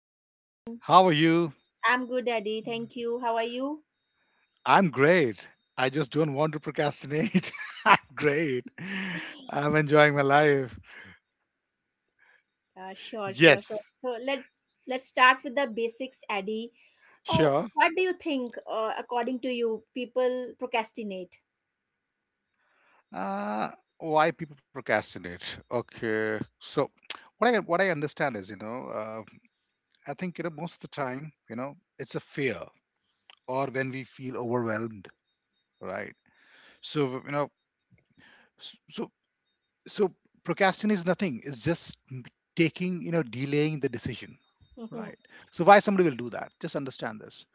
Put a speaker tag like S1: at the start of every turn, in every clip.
S1: Good evening.
S2: How are you?
S1: I'm good, Eddie. Thank you. How are you?
S2: I'm great. I just don't want to procrastinate. I'm great. I'm enjoying my life.
S1: Sure, sure, sure.
S2: Yes,
S1: So let's start with the basics, Eddie. Oh,
S2: sure.
S1: what do you think? According to you, people procrastinate.
S2: Uh, why people procrastinate? Okay. So, what I understand is, you know, I think you know most of the time, you know, it's a fear or when we feel overwhelmed, right? So you know, so so procrastination is nothing, it's just taking, you know, delaying the decision,
S1: Mm-hmm.
S2: right? So why somebody will do that, just understand this.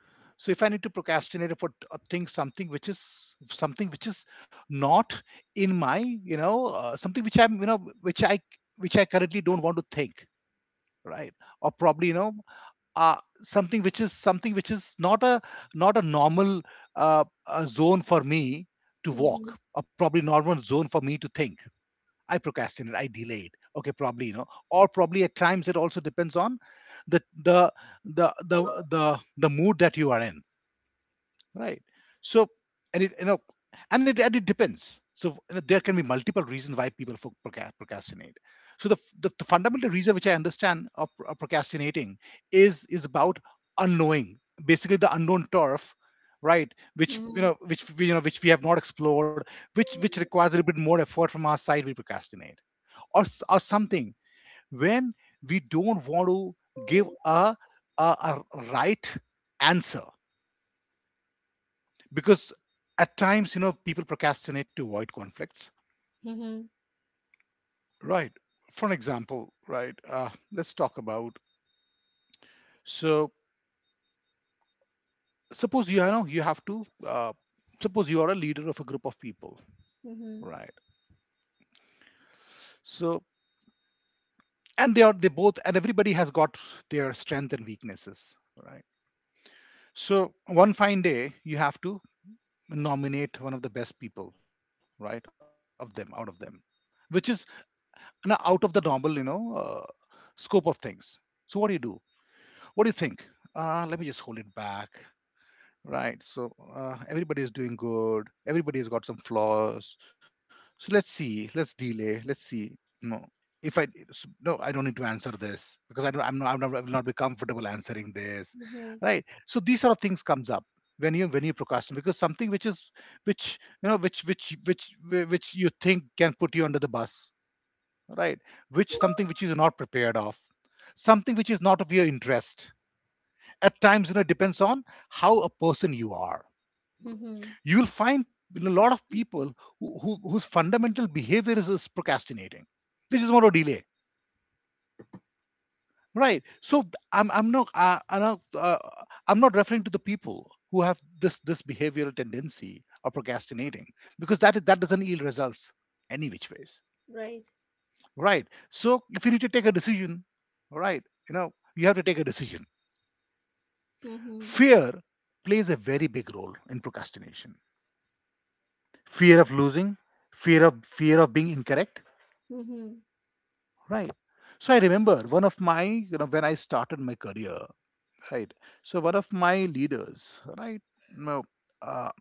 S2: So if I need to procrastinate for a thing, something which is not in my, you know, something which I'm you know, which I which I currently don't want to think, right? Or probably you know, uh, something which is not a not a normal zone for me to
S1: Mm-hmm.
S2: walk, or probably normal zone for me to think. I procrastinate, I delayed. Okay, probably, you know, or probably at times it also depends on the the mood that you are in, right? So, and it you know, and it depends. So you know, there can be multiple reasons why people procrastinate. So the, the fundamental reason which I understand of, of procrastinating is about unknowing, basically the unknown turf, right? Which you
S1: Mm-hmm.
S2: know, you know, which we have not explored, which requires a little bit more effort from our side. We procrastinate or, or something, when we don't want to give a, a right answer, because at times, you know, people procrastinate to avoid conflicts,
S1: Mm-hmm.
S2: right? For an example, right, let's talk about, so suppose you know you have to suppose you are a leader of a group of people,
S1: Mm-hmm.
S2: right? So and they are they both, and everybody has got their strength and weaknesses, right? So one fine day you have to nominate one of the best people, right, of them, out of them, which is, you know, out of the normal, you know, scope of things. So what do you do, what do you think? Let me just hold it back, right? So everybody is doing good. Everybody has got some flaws. So let's see. Let's delay. Let's see. No, if no, I don't need to answer this because I don't. I'm not. I will not be comfortable answering this,
S1: Mm-hmm.
S2: right? So these sort of things comes up when you procrastinate, because something which is which you know which you think can put you under the bus, right? Which something which is not prepared of, something which is not of your interest. At times, you know, it depends on how a person you are,
S1: Mm-hmm.
S2: you will find a lot of people whose fundamental behavior is procrastinating. They just want to delay, right? So I'm not I'm not I'm not referring to the people who have this behavioral tendency of procrastinating, because that is, that doesn't yield results any which ways,
S1: Right.
S2: right? So if you need to take a decision, right, you know you have to take a decision.
S1: Mm-hmm.
S2: Fear plays a very big role in procrastination. Fear of losing, fear of being incorrect.
S1: Mm-hmm.
S2: Right. So I remember one of my, you know, when I started my career, right? So one of my leaders, right? No, uh,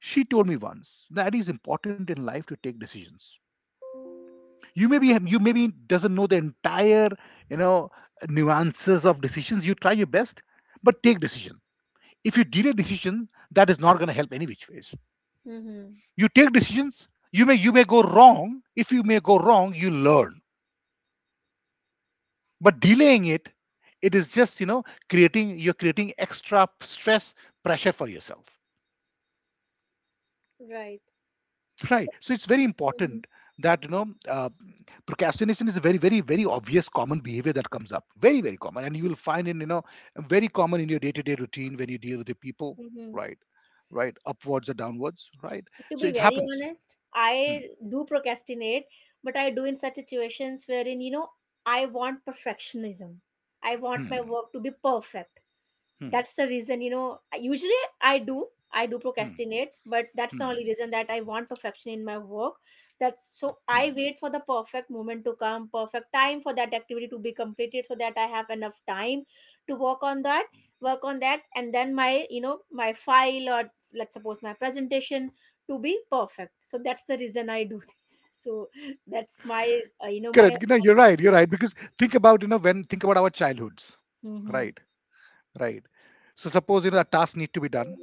S2: she told me once that it is important in life to take decisions. You maybe doesn't know the entire, you know, nuances of decisions. You try your best, but take decision. If you delay decision, that is not going to help any which ways.
S1: Mm-hmm.
S2: You take decisions. You may go wrong. If you may go wrong, you learn, but delaying it, it is just, you know, creating you're creating extra stress, pressure for yourself,
S1: Right.
S2: right? So it's very
S1: Mm-hmm.
S2: important that you know, procrastination is a very very very obvious common behavior that comes up, very very common, and you will find, in you know, very common in your day-to-day routine when you deal with your people,
S1: Mm-hmm.
S2: right, right, upwards or downwards, right?
S1: To
S2: So
S1: be
S2: it
S1: very
S2: happens.
S1: honest,
S2: Hmm,
S1: I do procrastinate, but I do in such situations wherein, you know, I want perfectionism. I want my
S2: hmm,
S1: work to be perfect.
S2: hmm,
S1: That's the reason, you know, usually I do, I do
S2: hmm,
S1: procrastinate, but that's the
S2: hmm,
S1: only reason that I want perfection in my work. That's, so
S2: hmm.
S1: I wait for the perfect moment to come, perfect time for that activity to be completed so that I have enough time to work on that, and then my, you know, my file, or let's suppose my presentation to be perfect. So that's the reason I do this. So that's my, you
S2: Correct.
S1: know,
S2: No,
S1: my.
S2: you're right, you're right, because think about you know, when think about our childhoods, right,
S1: Mhm.
S2: right. So suppose you know that task need to be done,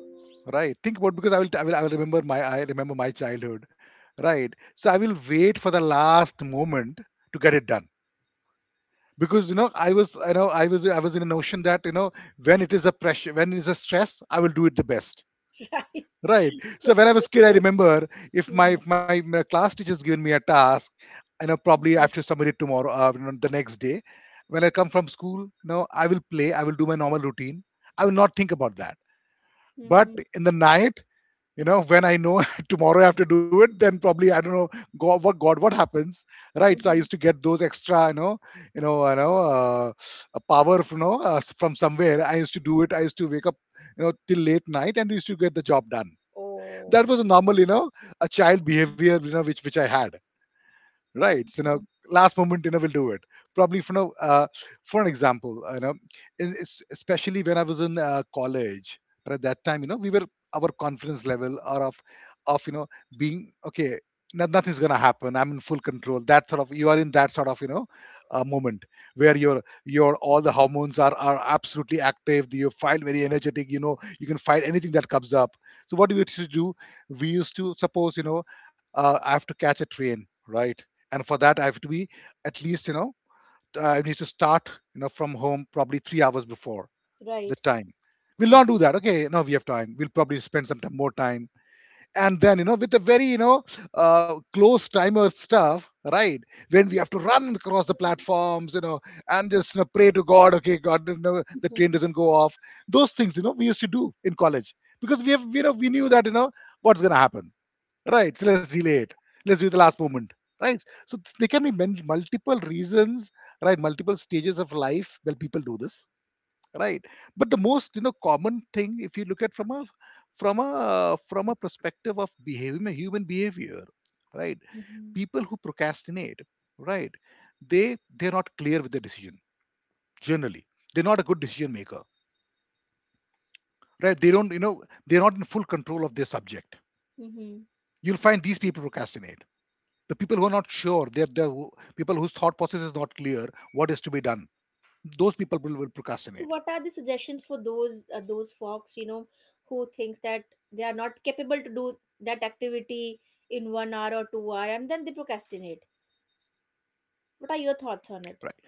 S2: right? Think about, because I will remember my I remember my childhood, right? So I will wait for the last moment to get it done, because you know I was in a notion that you know when it is a pressure, when it is a stress, I will do it the best,
S1: Right.
S2: right? So
S1: That's
S2: when I was
S1: great.
S2: kid, I remember if
S1: Mhm.
S2: my class teacher's given me a task, you know, probably I
S1: Mhm.
S2: have to submit it tomorrow, you know, the next day. When I come from school, you know, I will play, I will do my normal routine, I will not think about that. But
S1: Mhm.
S2: in the night, you know, when I know tomorrow I have to do it, then probably I don't know. God, what happens, right? So I used
S1: Mhm.
S2: to get those extra, you know, you know, you know, uh, a power, you know, from somewhere. I used to do it. I used to wake up, you know, till late night and used to get the job done. That
S1: Oh.
S2: was a normal, you know, a child
S1: Mhm,
S2: behavior, you know, which I had, right. So now,
S1: mhm.
S2: last moment you know we'll do it. Probably for now, for an example, you know, in, especially when I was in college. But at that time, you know, we were, our confidence level, or of you know, being okay, no, nothing's gonna happen, I'm in full control, that sort of, you are in that sort of, you know, moment where your all the hormones are absolutely active, you feel very energetic, you know you can fight anything that comes up. So what we used to do, we used to, suppose you know, I have to catch a train, right, and for that I have to be at least, you know, I need to start, you know, from home probably 3 hours before the
S1: Right.
S2: time. We'll not
S1: Mhm.
S2: do that. Okay, no, we have time, we'll probably spend more time, and then you know with the very you know close timer stuff, right, when we have to run across the platforms, you know, and just, you know, pray to god, okay god, you know, the train doesn't go off. Those things, you know, we used to do in college, because we have, you know, we knew that, you know, what's going to happen. Right. So let's delay it. Let's do it the last moment. Right. So there can be many, multiple reasons, right? Multiple stages of life where people do this, right? But the most, you know, common thing, if you look at from a from a perspective of behavior, human behavior, right?
S1: Mhm.
S2: People who procrastinate, right? They they're not clear with their decision. Generally, they're not a good decision maker, right? They don't, you know, they're not in full control of their subject.
S1: Mhm.
S2: You'll find these people procrastinate, the people who are not sure they're people whose thought process is not clear what is to be done. Those people will
S1: So
S2: procrastinate.
S1: what are the suggestions for those folks, you know, who thinks that they are not capable to do that activity in 1 hour or 2 hour and then they procrastinate? What are your
S2: Right.
S1: thoughts on
S2: the
S1: it?
S2: fir-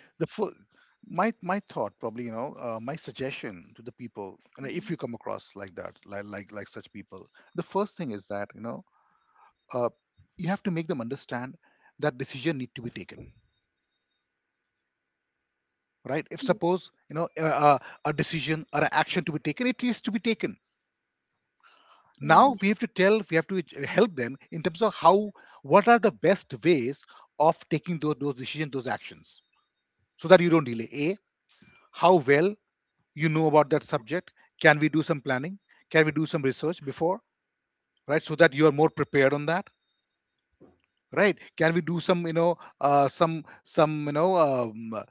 S2: my thought, probably, you know, my suggestion to the people, you if you come
S1: Mhm.
S2: across like that, like such people, the first thing is that, you know, uh, you have to make them understand that decision need to be taken. Right, if suppose, you know, a decision or an action to be taken, it is to be taken. Now we have to tell,
S1: Mhm.
S2: we have to help them in terms of how, what are the best ways of taking those decisions, those actions, so that you don't delay a how well you know about that subject. Can we do some planning? Can we do some research before? Right, so that you are more prepared on that. Right, can we do some, you know, some, some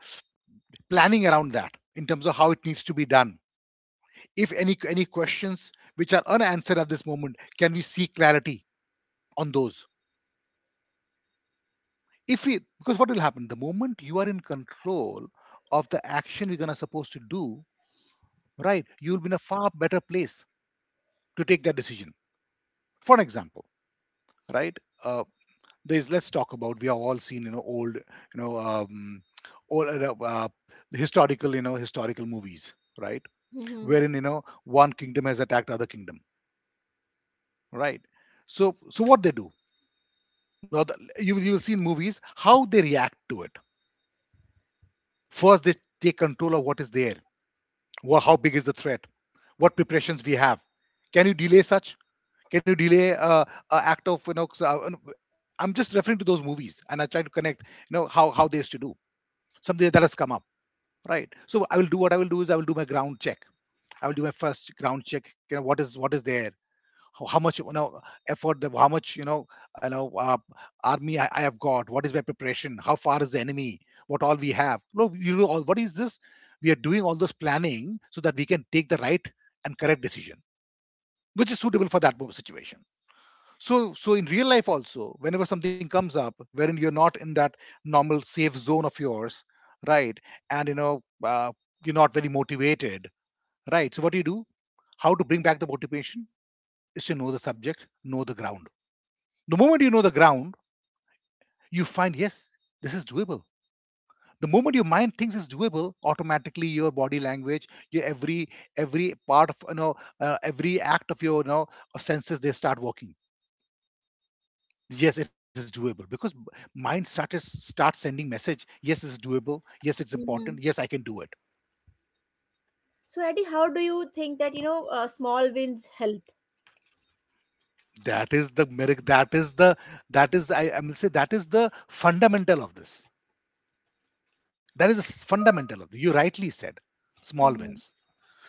S2: planning around that in terms of how it needs to be done? If any questions which are unanswered at this moment, can we seek clarity on those? If we, because what will happen, the moment you are in control of the action you're gonna supposed to do, right, you'll be in a far better place to take that decision. For an example, right. uh, there's, let's talk about, we have all seen, you know, old, all, the historical, you know, historical movies, right,
S1: Mhm.
S2: wherein, you know, one kingdom has attacked other kingdom, right. So so what they do, now you will, you will see in movies how they react to it. First they take control of what is there. Well, how big is the threat? What preparations we have? Can you delay such? Can you delay a act of, you know? So, and I'm just referring to those movies, and I try to connect, you know, how they used to do something that has come up, right? So I will do, what I will do is I will do my ground check. I will do my first ground check. You know, what is there? How much, you know, effort, the how much, you know, you know uh, army I have got, what is my preparation, how far is the enemy, what all we have, no, you know, all what is this, we are doing all those planning, so that we can take the right and correct decision which is suitable for that situation. So so in real life also, whenever something comes up wherein you're not in that normal safe zone of yours, right, and you know, you're not very motivated, right, so what do you do, how to bring back the motivation, is to know the subject, know the ground. The moment you know the ground, you find, yes, this is doable. The moment your mind thinks it's doable, automatically your body language, your every part of, you know, every act of your, you know, of senses, they start working. Yes, it is doable because mind started start sending message. Yes, it's doable. Yes, it's important. Yes, I
S1: Mhm.
S2: can do it.
S1: So Eddie, how do you think that, you know, small wins help.
S2: That is the miracle. That is the, that is, I will say, that is the fundamental of this. That is the fundamental of this. You rightly said, small
S1: Mhm.
S2: wins.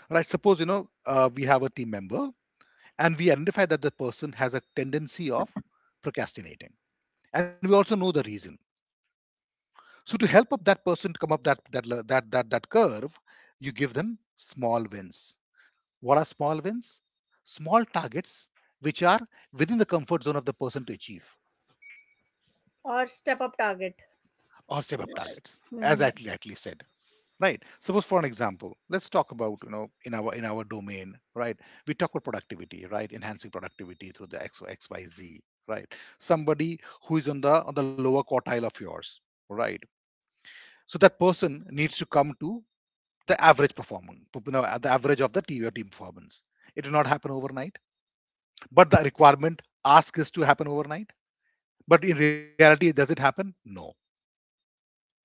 S2: Right, suppose, you know, we have a team member and we identify that the person has a tendency of procrastinating, and we also know the reason. So to help up that person to come up that that curve, you give them small wins. What are small wins? Small targets which are within the comfort zone of the person to achieve,
S1: Or step up target?
S2: or step up targets, as I
S1: Mhm.
S2: at least said. Right, suppose for an example, let's talk about, you know, in our domain, right, we talk about productivity, right, enhancing productivity through the X, xyz, right. Somebody who is on the lower quartile of yours, right, so that person needs to come to the average performance, you know, the average of the team, your team performance. It will not happen overnight, but the requirement ask is to happen overnight. But in reality, does it happen? No.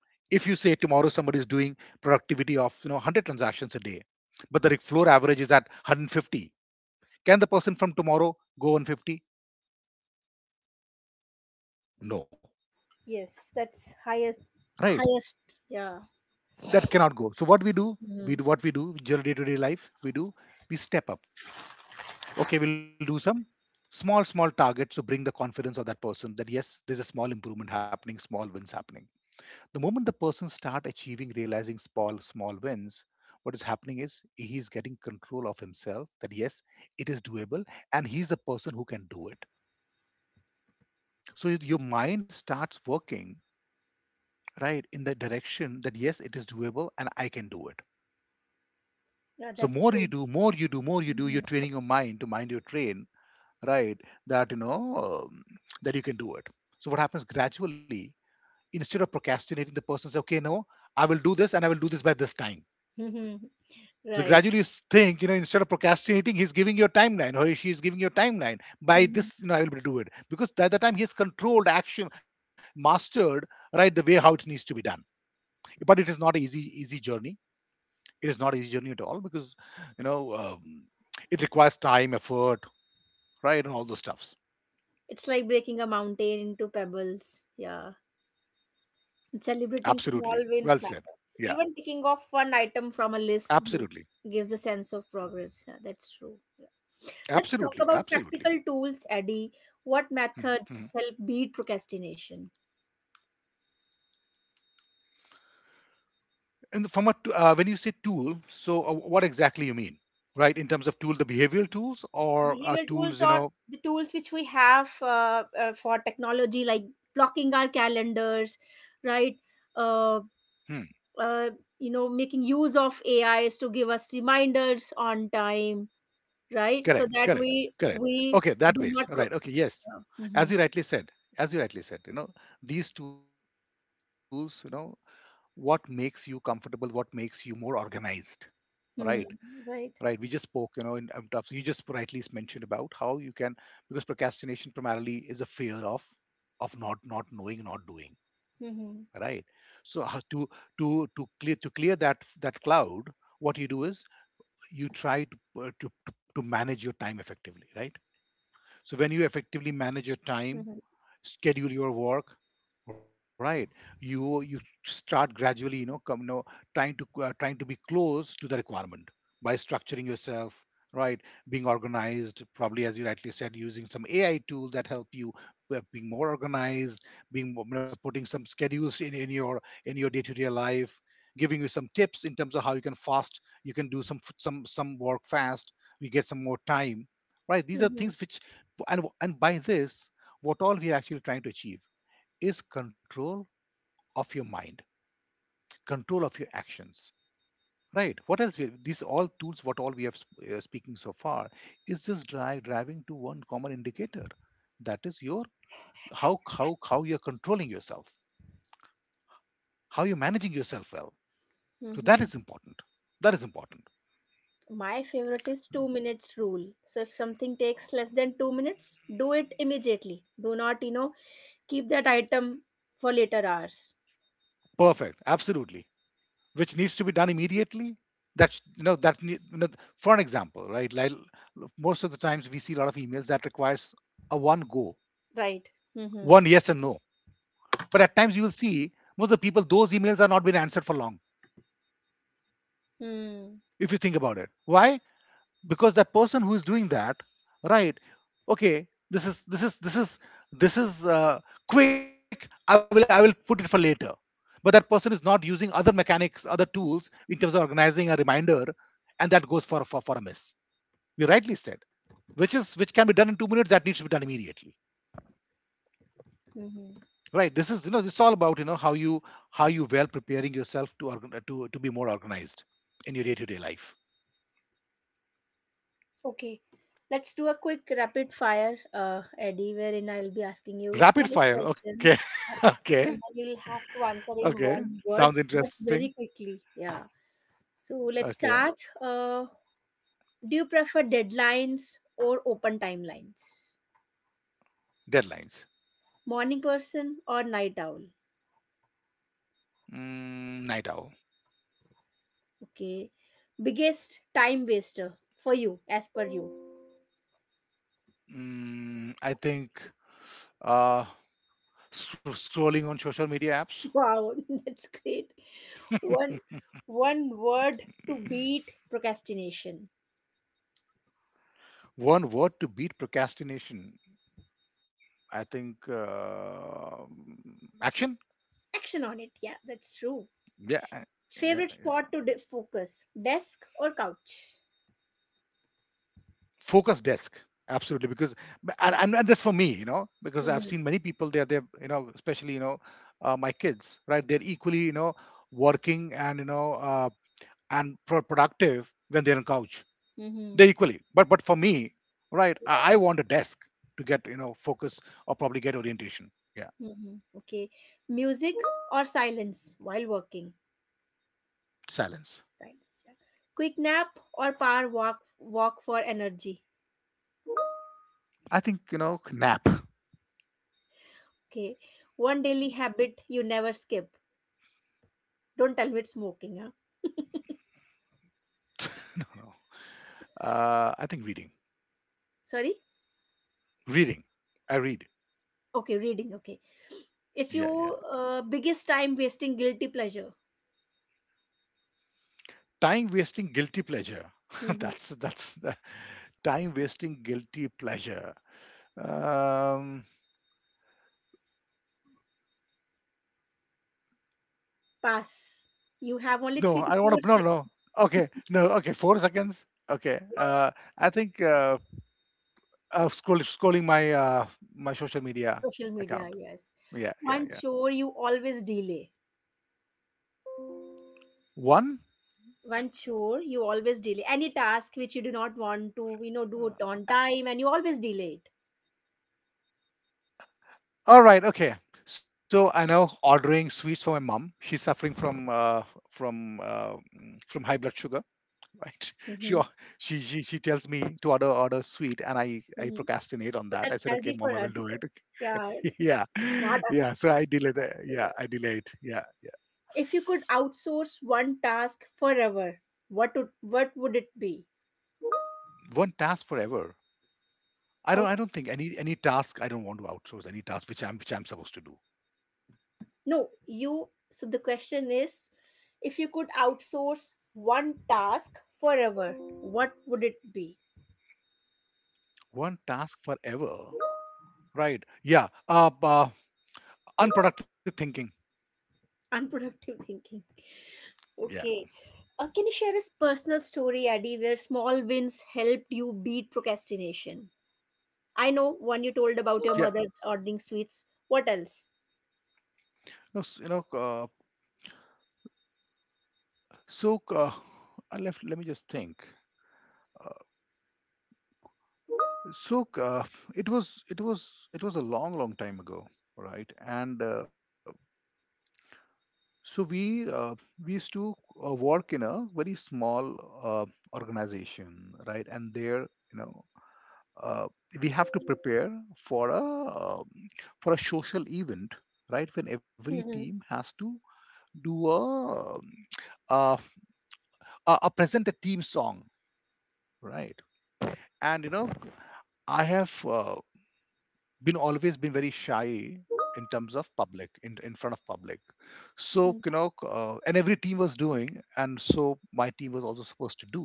S2: If you say tomorrow somebody is doing productivity of, you know, 100 transactions a day, but the floor average is at 150, can the person from tomorrow go 150? No.
S1: Yes, that's highest.
S2: Right,
S1: Highest. Yeah.
S2: that cannot go. So what we do, we
S1: Mhm.
S2: do what we do during day-to-day life, we do we step up. Okay, we'll do some small small targets to bring the confidence of that person, that yes, there's a small improvement happening, small wins happening. The moment the person start achieving, realizing small small wins, what is happening is he's getting control of himself, that yes, it is doable, and he's the person who can do it. So your mind starts working right in the direction, that yes, it is doable and I can do it.
S1: Yeah,
S2: So
S1: that's
S2: more you
S1: true.
S2: do, more you do, more you do,
S1: Mhm.
S2: you're training your mind to mind your train. Right, that you know, um, that you can do it. So what happens gradually, instead of procrastinating, the person says, okay, no, I will do this, and I will do this by this time.
S1: Mhm.
S2: So
S1: Right.
S2: gradually you think, you know, instead of procrastinating, he's giving your timeline or she is giving your timeline. By
S1: Mhm.
S2: this, you know, I will be do it. Because by the time he's controlled action, mastered, right, the way how it needs to be done. But it is not an easy, easy journey. It is not an easy journey at all, because, you know, it requires time, effort, right, and all those stuffs.
S1: It's like breaking a mountain into pebbles. Yeah. And
S2: Absolutely. Well
S1: celebrating
S2: said.
S1: small
S2: Yeah,
S1: wins matter. Even ticking off one item from a
S2: absolutely.
S1: list, Mhm, gives a sense of progress. Yeah, that's true. Yeah.
S2: Absolutely.
S1: Let's talk
S2: Absolutely.
S1: about practical tools, Eddie. What
S2: Hmm, hmm.
S1: methods help beat procrastination?
S2: From a when you say tool, so what exactly you mean, right? In terms of tool, the behavioral tools or
S1: Behavioral tools
S2: tools, you
S1: are
S2: know?
S1: the tools which we have, for technology, like blocking our calendars, right? Uh.
S2: Hmm,
S1: uh, you know, making use of AIs to give us reminders on time, right, so
S2: correct,
S1: that
S2: correct,
S1: we
S2: correct.
S1: we
S2: Okay, that
S1: do
S2: ways,
S1: not
S2: right? Okay, yes.
S1: yeah.
S2: As you
S1: Mhm.
S2: rightly said, as you rightly said, you know, these tools, you know, what makes you comfortable, what makes you more organized, right?
S1: Hmm.
S2: Right. We just spoke, you
S1: Right.
S2: know, in terms you just rightly mentioned about how you can, because procrastination primarily is a fear of not, not knowing, not doing, right.
S1: Mhm.
S2: So how to, to clear, to clear that cloud, what you do is you try to to manage your time effectively, right. So when you effectively manage your
S1: Mhm.
S2: time, schedule your work, right, you start gradually, you know, come know, trying to trying to be close to the requirement by structuring yourself, right, being organized, probably as you rightly said, using some AI tool that help you with being more organized, you know, putting some schedules in your in your day-to-day life, giving you some tips in terms of how you can fast, you can do some some work fast, you get some more time, right, these are
S1: Mhm.
S2: things which, and by this, what all we are actually trying to achieve is control of your mind, control of your actions, right. What else we, these all tools what all we have speaking so far is just drive, driving to one common indicator, that is your how you're controlling yourself, how you're managing yourself well. So
S1: Mhm.
S2: that is important, that is important.
S1: My favorite is 2 minutes rule, so if something takes less than 2 minutes, do it immediately. Do not, you know, keep that item for later hours,
S2: Perfect, absolutely, which needs to be done immediately. That's, you know, that, you know, for an example, right, like, most of the times we see a lot of emails that requires a one go,
S1: right? Mm-hmm.
S2: one yes and no. But at times you will see most of the people, those emails are not been answered for long,
S1: Mm-hmm.
S2: if you think about it. Why? Because the person who is doing that, right? Okay, this is this is this is this is quick. I will put it for later. But that person is not using other mechanics, other tools in terms of organizing a reminder, and that goes for a miss. You rightly said, which is which can be done in 2 minutes. That needs to be done immediately.
S1: Mm-hmm.
S2: Right. This is, you know, it's all about, you know, how you, how you well preparing yourself to to be more organized in your day-to-day life.
S1: Okay, let's do a quick rapid fire, Eddie, wherein I'll be asking you small
S2: Rapid fire. Okay.
S1: questions,
S2: Okay.
S1: and then you'll have to answer in
S2: Okay.
S1: one
S2: Sounds
S1: word but
S2: interesting.
S1: very quickly. Yeah. So let's
S2: Okay.
S1: start. Uh, do you prefer deadlines or open timelines?
S2: Deadlines.
S1: Morning person or night owl?
S2: Mm, night owl.
S1: Okay. Biggest time waster for you, as per you.
S2: Mm, I think uh scrolling on social media apps.
S1: Wow, that's great. One one word to beat procrastination.
S2: One word to beat procrastination. I think action.
S1: Action on it. Yeah, that's true.
S2: Yeah. Yeah.
S1: Favorite
S2: Yeah.
S1: spot to focus, desk or couch?
S2: Focus desk, absolutely, because, and that's for me, you know, because I've
S1: Hmm.
S2: seen many people, they're you know, especially, you know, my kids, right, they're equally, you know, working and you know, and productive when they're on couch. They're
S1: Hmm.
S2: equally, but for me, right, I want a desk to get, you know, focus, or probably get orientation. Yeah.
S1: Hmm. Okay. Music or silence while working?
S2: Silence.
S1: Silence, yeah. Quick nap or power walk for energy.
S2: I think, you know, nap.
S1: Okay. One daily habit you never skip. Don't tell me it's smoking, huh?
S2: No, no, I think reading.
S1: Sorry?
S2: Reading. I read.
S1: Okay, reading. Okay.
S2: Yeah,
S1: If
S2: yeah.
S1: you Biggest time wasting guilty pleasure.
S2: Time wasting guilty pleasure.
S1: Hmm.
S2: That's time wasting guilty pleasure. Um,
S1: Pass. You have only
S2: no,
S1: three to
S2: I don't want
S1: four
S2: to. No, no, no.
S1: seconds.
S2: Okay, no. Okay, 4 seconds. Okay. I think scrolling my my social media
S1: Social media,
S2: account.
S1: yes.
S2: Yeah, yeah,
S1: One
S2: yeah.
S1: chore you always delay.
S2: One.
S1: One chore you always delay. Any task which you do not want to, you know, do
S2: Uh,
S1: it on time, and you always delay it.
S2: All right. Okay. So I know, ordering sweets for my mom. She's suffering from from high blood sugar. Right. She al-
S1: Mm-hmm.
S2: she tells me to order, order sweet, and I
S1: Mm-hmm.
S2: procrastinate on
S1: But
S2: that. I
S1: that's
S2: said, okay,
S1: healthy for
S2: mom, I
S1: her.
S2: will do
S1: That's
S2: it.
S1: yeah,
S2: yeah
S1: smart answer.
S2: yeah so I delay
S1: Smart
S2: the
S1: answer,
S2: yeah,
S1: yeah.
S2: I delayed. Yeah.
S1: If you could outsource one task forever, what would it be?
S2: One task forever. I don't think
S1: Outsource.
S2: any task. I don't want to outsource any task which I'm supposed to do.
S1: No, you. So the question is, if you could outsource one task forever, what would it be?
S2: One task forever. Right. Yeah. Unproductive thinking.
S1: Unproductive thinking.
S2: Yeah.
S1: Okay. Can you share a personal story, Addy, where small wins helped you beat procrastination? I know one you told about your
S2: Yeah.
S1: mother ordering sweets. What else?
S2: no s- so uh, I left, let me just think. so uh, it was a long, long time ago. Right. and So we, we used to, work in a very small, uh, organization, right? And there, you know, uh, we have to prepare for a uh, for a social event, right? When every team has to do um, uh, a present a team song, right? And I have, been, always been very shy in terms of public, in front of public. So,
S1: Mm-hmm.
S2: and every team was doing, and so my team was also supposed to do.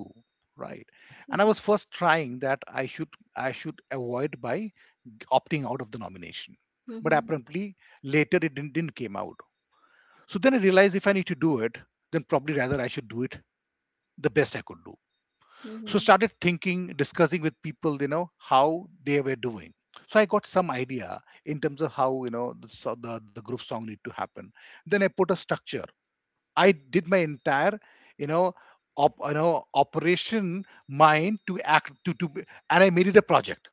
S2: Right. And I
S1: Mm-hmm.
S2: was first trying that I should avoid by opting out of the nomination. But
S1: Mm-hmm.
S2: apparently later it didn't came out. So then I realized if I need to do it, then probably rather I should do it the best I could do. So
S1: Mm-hmm.
S2: started thinking, discussing with people, you know, how they were doing. So I got some idea in terms of how, you know, the, so the group song need to happen. Then I put a structure. I did my entire, you know, operation mind to act, and I made it a project.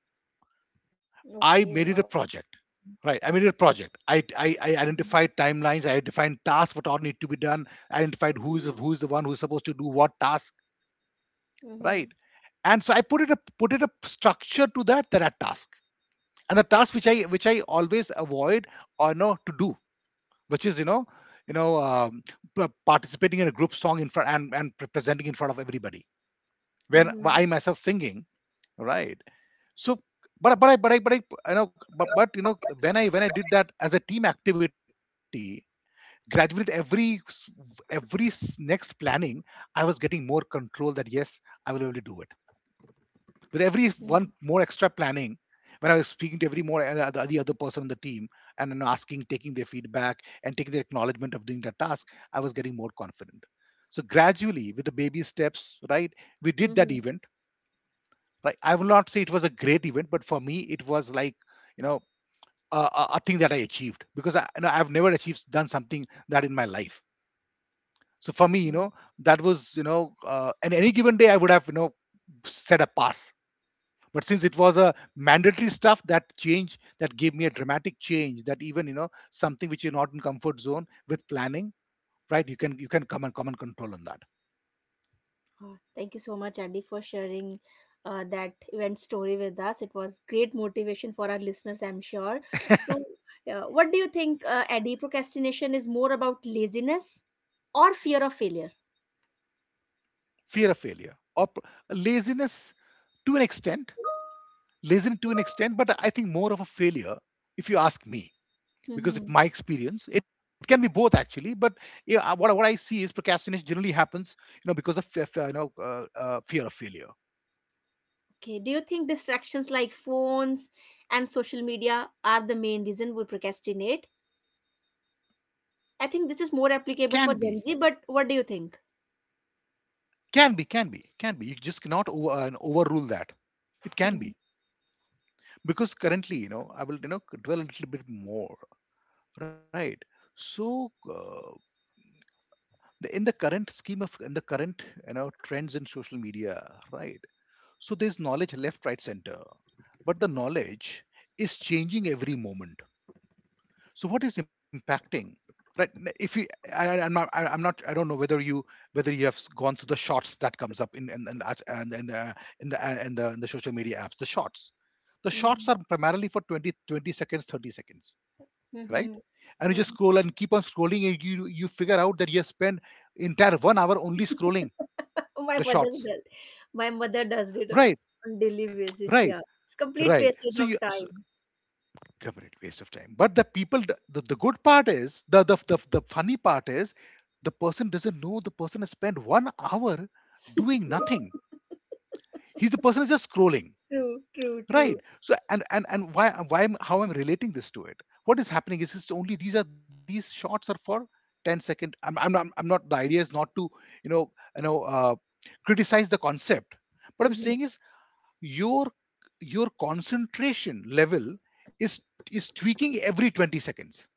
S1: Okay,
S2: I
S1: wow.
S2: made it a project. Right, I made it a project.
S1: Mm-hmm.
S2: I identified timelines. I defined tasks, what all need to be done. I identified who's the one who's supposed to do what task.
S1: Mm-hmm.
S2: Right. And so I put it a structure to that that are task. And the task which I always avoid or no to do, which is, you know um, participating in a group song in front, and presenting in front of everybody, where
S1: Mm-hmm.
S2: I myself singing. Right. So, but I but I but I you know but you know when I did that as a team activity, gradually with every next planning, I was getting more control that yes, I will be able to do it. With every one more extra planning, when I was speaking to every more, the other person on the team, and, you know, asking, taking their feedback and taking their acknowledgement of doing that task, I was getting more confident. So gradually with the baby steps, right, we did
S1: Mm-hmm.
S2: that event. Right, I will not say it was a great event, but for me it was like, you know, a thing that I achieved because I you know I've never achieved done something that in my life. So for me, you know, that was, and any given day I would have, you know, set a pass. But since it was a mandatory stuff, that change, that gave me a dramatic change, that even, you know, something which you're not in comfort zone with, planning, right, you can, come and control on that.
S1: Thank you so much, Adi, for sharing, that event story with us. It was great motivation for our listeners, I'm sure. So, what do you think, Adi? Procrastination is more about laziness or fear of failure?
S2: Fear of failure, or laziness to an extent. Laziness to an extent, but I think more of a failure, if you ask me. Because if
S1: Mhm.
S2: my experience, it can be both actually, but yeah, what I see is procrastination generally happens, you know, because of fear of failure.
S1: Okay. Do you think distractions like phones and social media are the main reason we procrastinate? I think this is more
S2: Can be.
S1: applicable for Gen Z, but what do you think?
S2: Can be, can be, can be. You just cannot overrule that. It can be.
S1: Mhm.
S2: Because currently, you know, I will, you know, dwell a little bit more, right? So, the, in the current scheme of, in the current, you know, trends in social media, right? So there's knowledge left, right, center, but the knowledge is changing every moment. So what is impacting? Right? If you, I'm not, I'm not, I don't know whether you have gone through the shorts that comes up in, us- and in the, in the social media apps, the shorts. The
S1: Mhm.
S2: shorts are primarily for 20 20 seconds, 30 seconds, right? And you just
S1: Mhm.
S2: scroll and keep on scrolling, and you figure out that you have spent entire 1 hour only scrolling
S1: My
S2: the
S1: mother
S2: shorts.
S1: does. My mother does it on,
S2: Right,
S1: on daily basis. Yeah,
S2: right,
S1: it's complete
S2: right.
S1: wastage
S2: So
S1: of
S2: you.
S1: time.
S2: Correct, waste of time. But the people, good part is, the funny part is, the person doesn't know, the person has spent 1 hour doing nothing. He's, the person is just scrolling,
S1: True, true, true.
S2: right? So, and why how I'm relating this to it? What is happening is, it's only, these are, these shots are for 102nd I second. I'm not, the idea is not to, you know you know uh, criticize the concept. What I'm
S1: Mhm.
S2: saying is, your your concentration level is is tweaking every 20 seconds.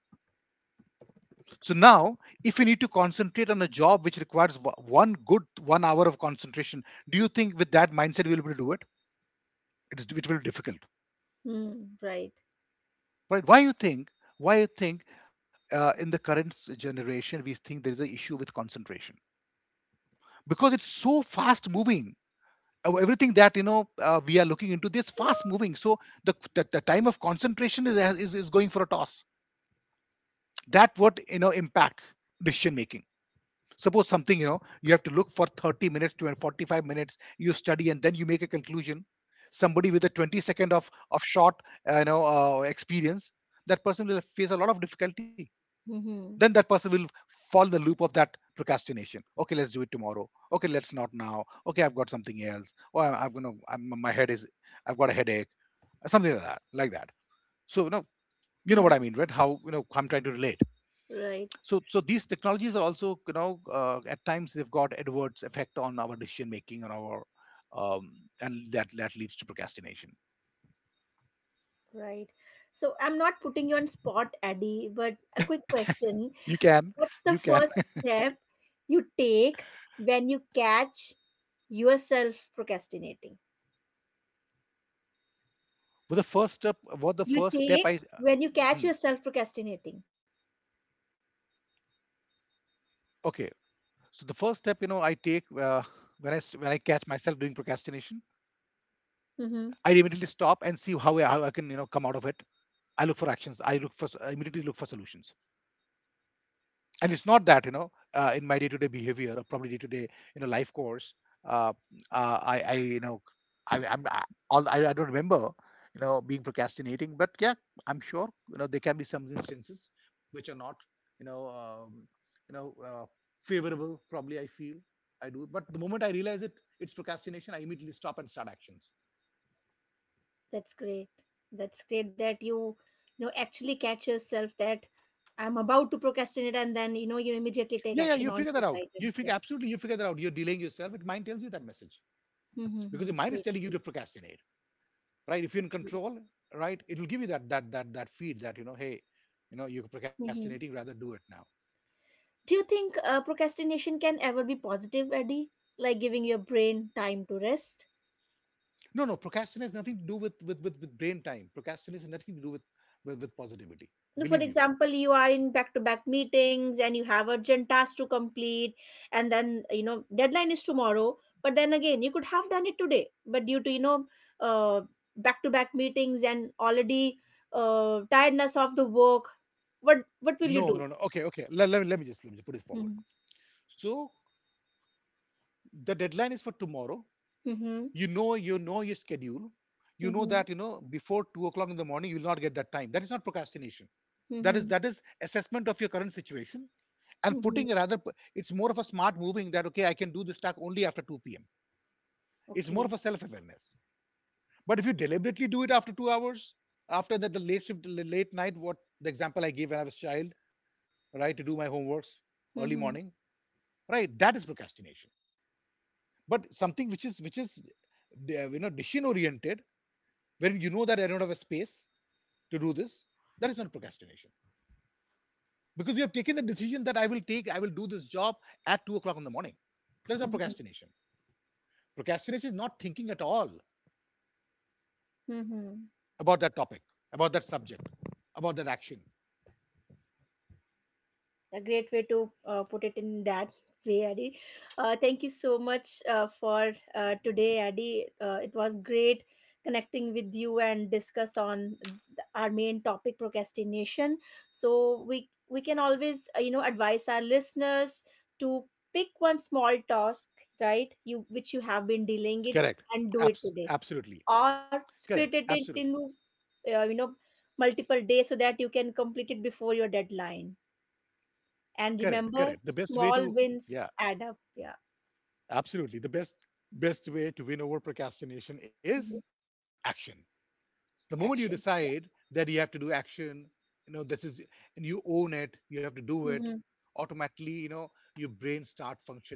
S2: So now, if you need to concentrate on a job which requires one good 1 hour of concentration, do you think with that mindset we'll be able to do it? It will be difficult.
S1: Mm, right.
S2: Right. Why you think, in the current generation we think there is an issue with concentration, because it's so fast moving. Everything that, we are looking into this fast moving, so the time of concentration is, is going for a toss, that, what you know, impacts decision making. Suppose something, you know, you have to look for 30 minutes to 45 minutes, you study and then you make a conclusion. Somebody with a 20 second of short, experience, that person will face a lot of difficulty. Then
S1: Hmm.
S2: that person will fall in the loop of that procrastination. Okay, let's do it tomorrow. Okay, let's not now. Okay, I've got something else. Oh, I'm gonna, my head is, I've got a headache, something like that, like that. So, you know what I mean, right, how, you know, I'm trying to relate.
S1: Right,
S2: So these technologies are also, at times they've got adverse effect on our decision making, on our, um, and that leads to procrastination.
S1: right. So I'm not putting you on spot, Addy, but a quick
S2: You
S1: question.
S2: can. You
S1: What's
S2: can.
S1: the first step you take when you catch yourself procrastinating?
S2: Well, the first step, what the
S1: You
S2: first step
S1: take
S2: I.
S1: when you catch
S2: Hmm.
S1: yourself procrastinating.
S2: Okay, so the first step, you know, I take, when when I catch myself doing procrastination,
S1: Mm-hmm.
S2: I immediately stop and see how I can, you know, come out of it. I look for actions. I immediately look for solutions. And it's not that, you know, in my day-to-day behavior or probably day-to-day, you know, life course, uh, I you know I I'm I, all- I don't remember, you know, being procrastinating, but yeah. I'm sure, you know, there can be some instances which are not, you know um, you know uh, favorable probably, I feel. I do, but the moment I realize it, it's procrastination, I immediately stop and start actions.
S1: That's great. That's great that you know, actually catch yourself that I'm about to procrastinate and then, you know, you immediately
S2: Yeah, yeah,
S1: take
S2: you
S1: action
S2: figure
S1: on
S2: that
S1: such
S2: out, you
S1: items.
S2: figure,
S1: Yeah.
S2: absolutely, you figure that out, you're delaying yourself, it mind tells you that message. Because your
S1: Mm-hmm.
S2: mind is
S1: Great.
S2: telling you to
S1: Great.
S2: procrastinate, right? If you're in
S1: Okay.
S2: control, right, it'll give you that feed that, you know, hey, you know, you're procrastinating,
S1: Mm-hmm.
S2: rather do it now.
S1: Do you think, procrastination can ever be positive, Eddie? Like giving your brain time to rest?
S2: No. No, procrastination has nothing to do with brain time. Procrastination has nothing to do with positivity,
S1: No, for
S2: believe you me.
S1: example, you are in back to back meetings and you have urgent tasks to complete, and then, you know, deadline is tomorrow, but then again you could have done it today, but due to, you know, uh back to back meetings, and already tiredness of the work. What
S2: No,
S1: will you
S2: no, no.
S1: do?
S2: Okay. Okay, let me just put it forward.
S1: Mm-hmm.
S2: So the deadline is for tomorrow. You
S1: Mm-hmm.
S2: know, you know your schedule. You know that, you
S1: Mm-hmm.
S2: know, before 2 o'clock in the morning you will not get that time. That is not procrastination. that is that
S1: Mm-hmm.
S2: is assessment of your current situation. And putting a
S1: Hmm.
S2: rather, it's more of a smart moving that, okay, I can do this task only after 2 p.m. It's more of a
S1: Okay.
S2: self-awareness. But if you deliberately do it after 2 hours, after the late shift, late night, what the example I gave when I was a child, right, to do my homeworks early morning,
S1: Mm-hmm.
S2: right, that is procrastination. But something which is you know decision oriented, where you know that I don't have a space to do this, that is not procrastination. Because you have taken the decision that I will do this job at 2 o'clock in the morning. That is not
S1: Mm-hmm.
S2: procrastination. Procrastination is not thinking at all
S1: Mm-hmm.
S2: about that topic, about that subject, about that action.
S1: A great way to put it in that way, Adi. Thank you so much, for today, Adi. It was great connecting with you and discuss on our main topic, procrastination. So we can always, you know, advise our listeners to pick one small task, right, you which you have been
S2: Correct.
S1: dealing it, and do it today,
S2: Absolutely.
S1: or
S2: Correct.
S1: split it
S2: Absolutely.
S1: into, you know, multiple days so that you can complete it before your deadline.
S2: Correct.
S1: And
S2: Correct. The
S1: remember,
S2: best way to,
S1: small
S2: yeah,
S1: wins add up. Yeah.
S2: absolutely. The best way to win over procrastination is
S1: Hmm.
S2: action. So the
S1: Action.
S2: moment you
S1: Yeah.
S2: decide that you have to do action, you know, this is, and you own it, you have to do it,
S1: Mm-hmm.
S2: automatically, you know, your brain start functioning.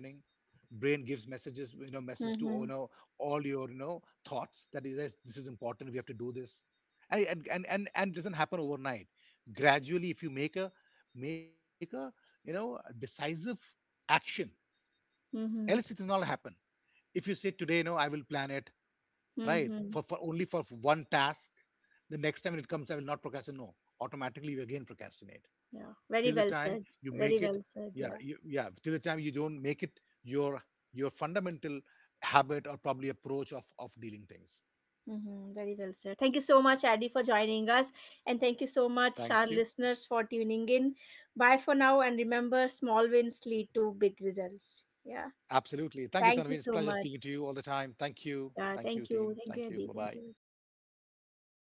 S2: Brain gives messages, you know, message to all, you know,
S1: Mm-hmm.
S2: all your, you know, thoughts that is, "Yes, this is important, we have to do this." And it doesn't happen overnight. Gradually, if you make a, you know, a decisive action, else it will
S1: Mm-hmm.
S2: not happen. If you say today, you know, I will plan it, right? For,
S1: Mm-hmm.
S2: for only for one task. The next time it comes, I will not procrastinate. No, automatically you again procrastinate
S1: Yeah.
S2: till the
S1: Very well
S2: time
S1: said.
S2: you make
S1: Very
S2: it.
S1: well
S2: Yeah,
S1: said. Yeah.
S2: yeah. Till the time you don't make it your fundamental habit or probably approach of dealing things.
S1: Mm-hmm. Very well said. Thank you so much, Addy, for joining us. And thank you so much,
S2: Thank
S1: our
S2: you.
S1: listeners, for tuning in. Bye for now. And remember, small wins lead to big results. Yeah.
S2: Absolutely. Thank you, Tanveen.
S1: Thank
S2: It's a
S1: you so
S2: pleasure speaking
S1: much.
S2: to you all the time. Thank you.
S1: Yeah.
S2: Thank you,
S1: Thank you.
S2: team. Thank
S1: Thank
S2: you.
S1: you,
S2: Bye
S1: Addy.
S2: bye.
S1: Thank you.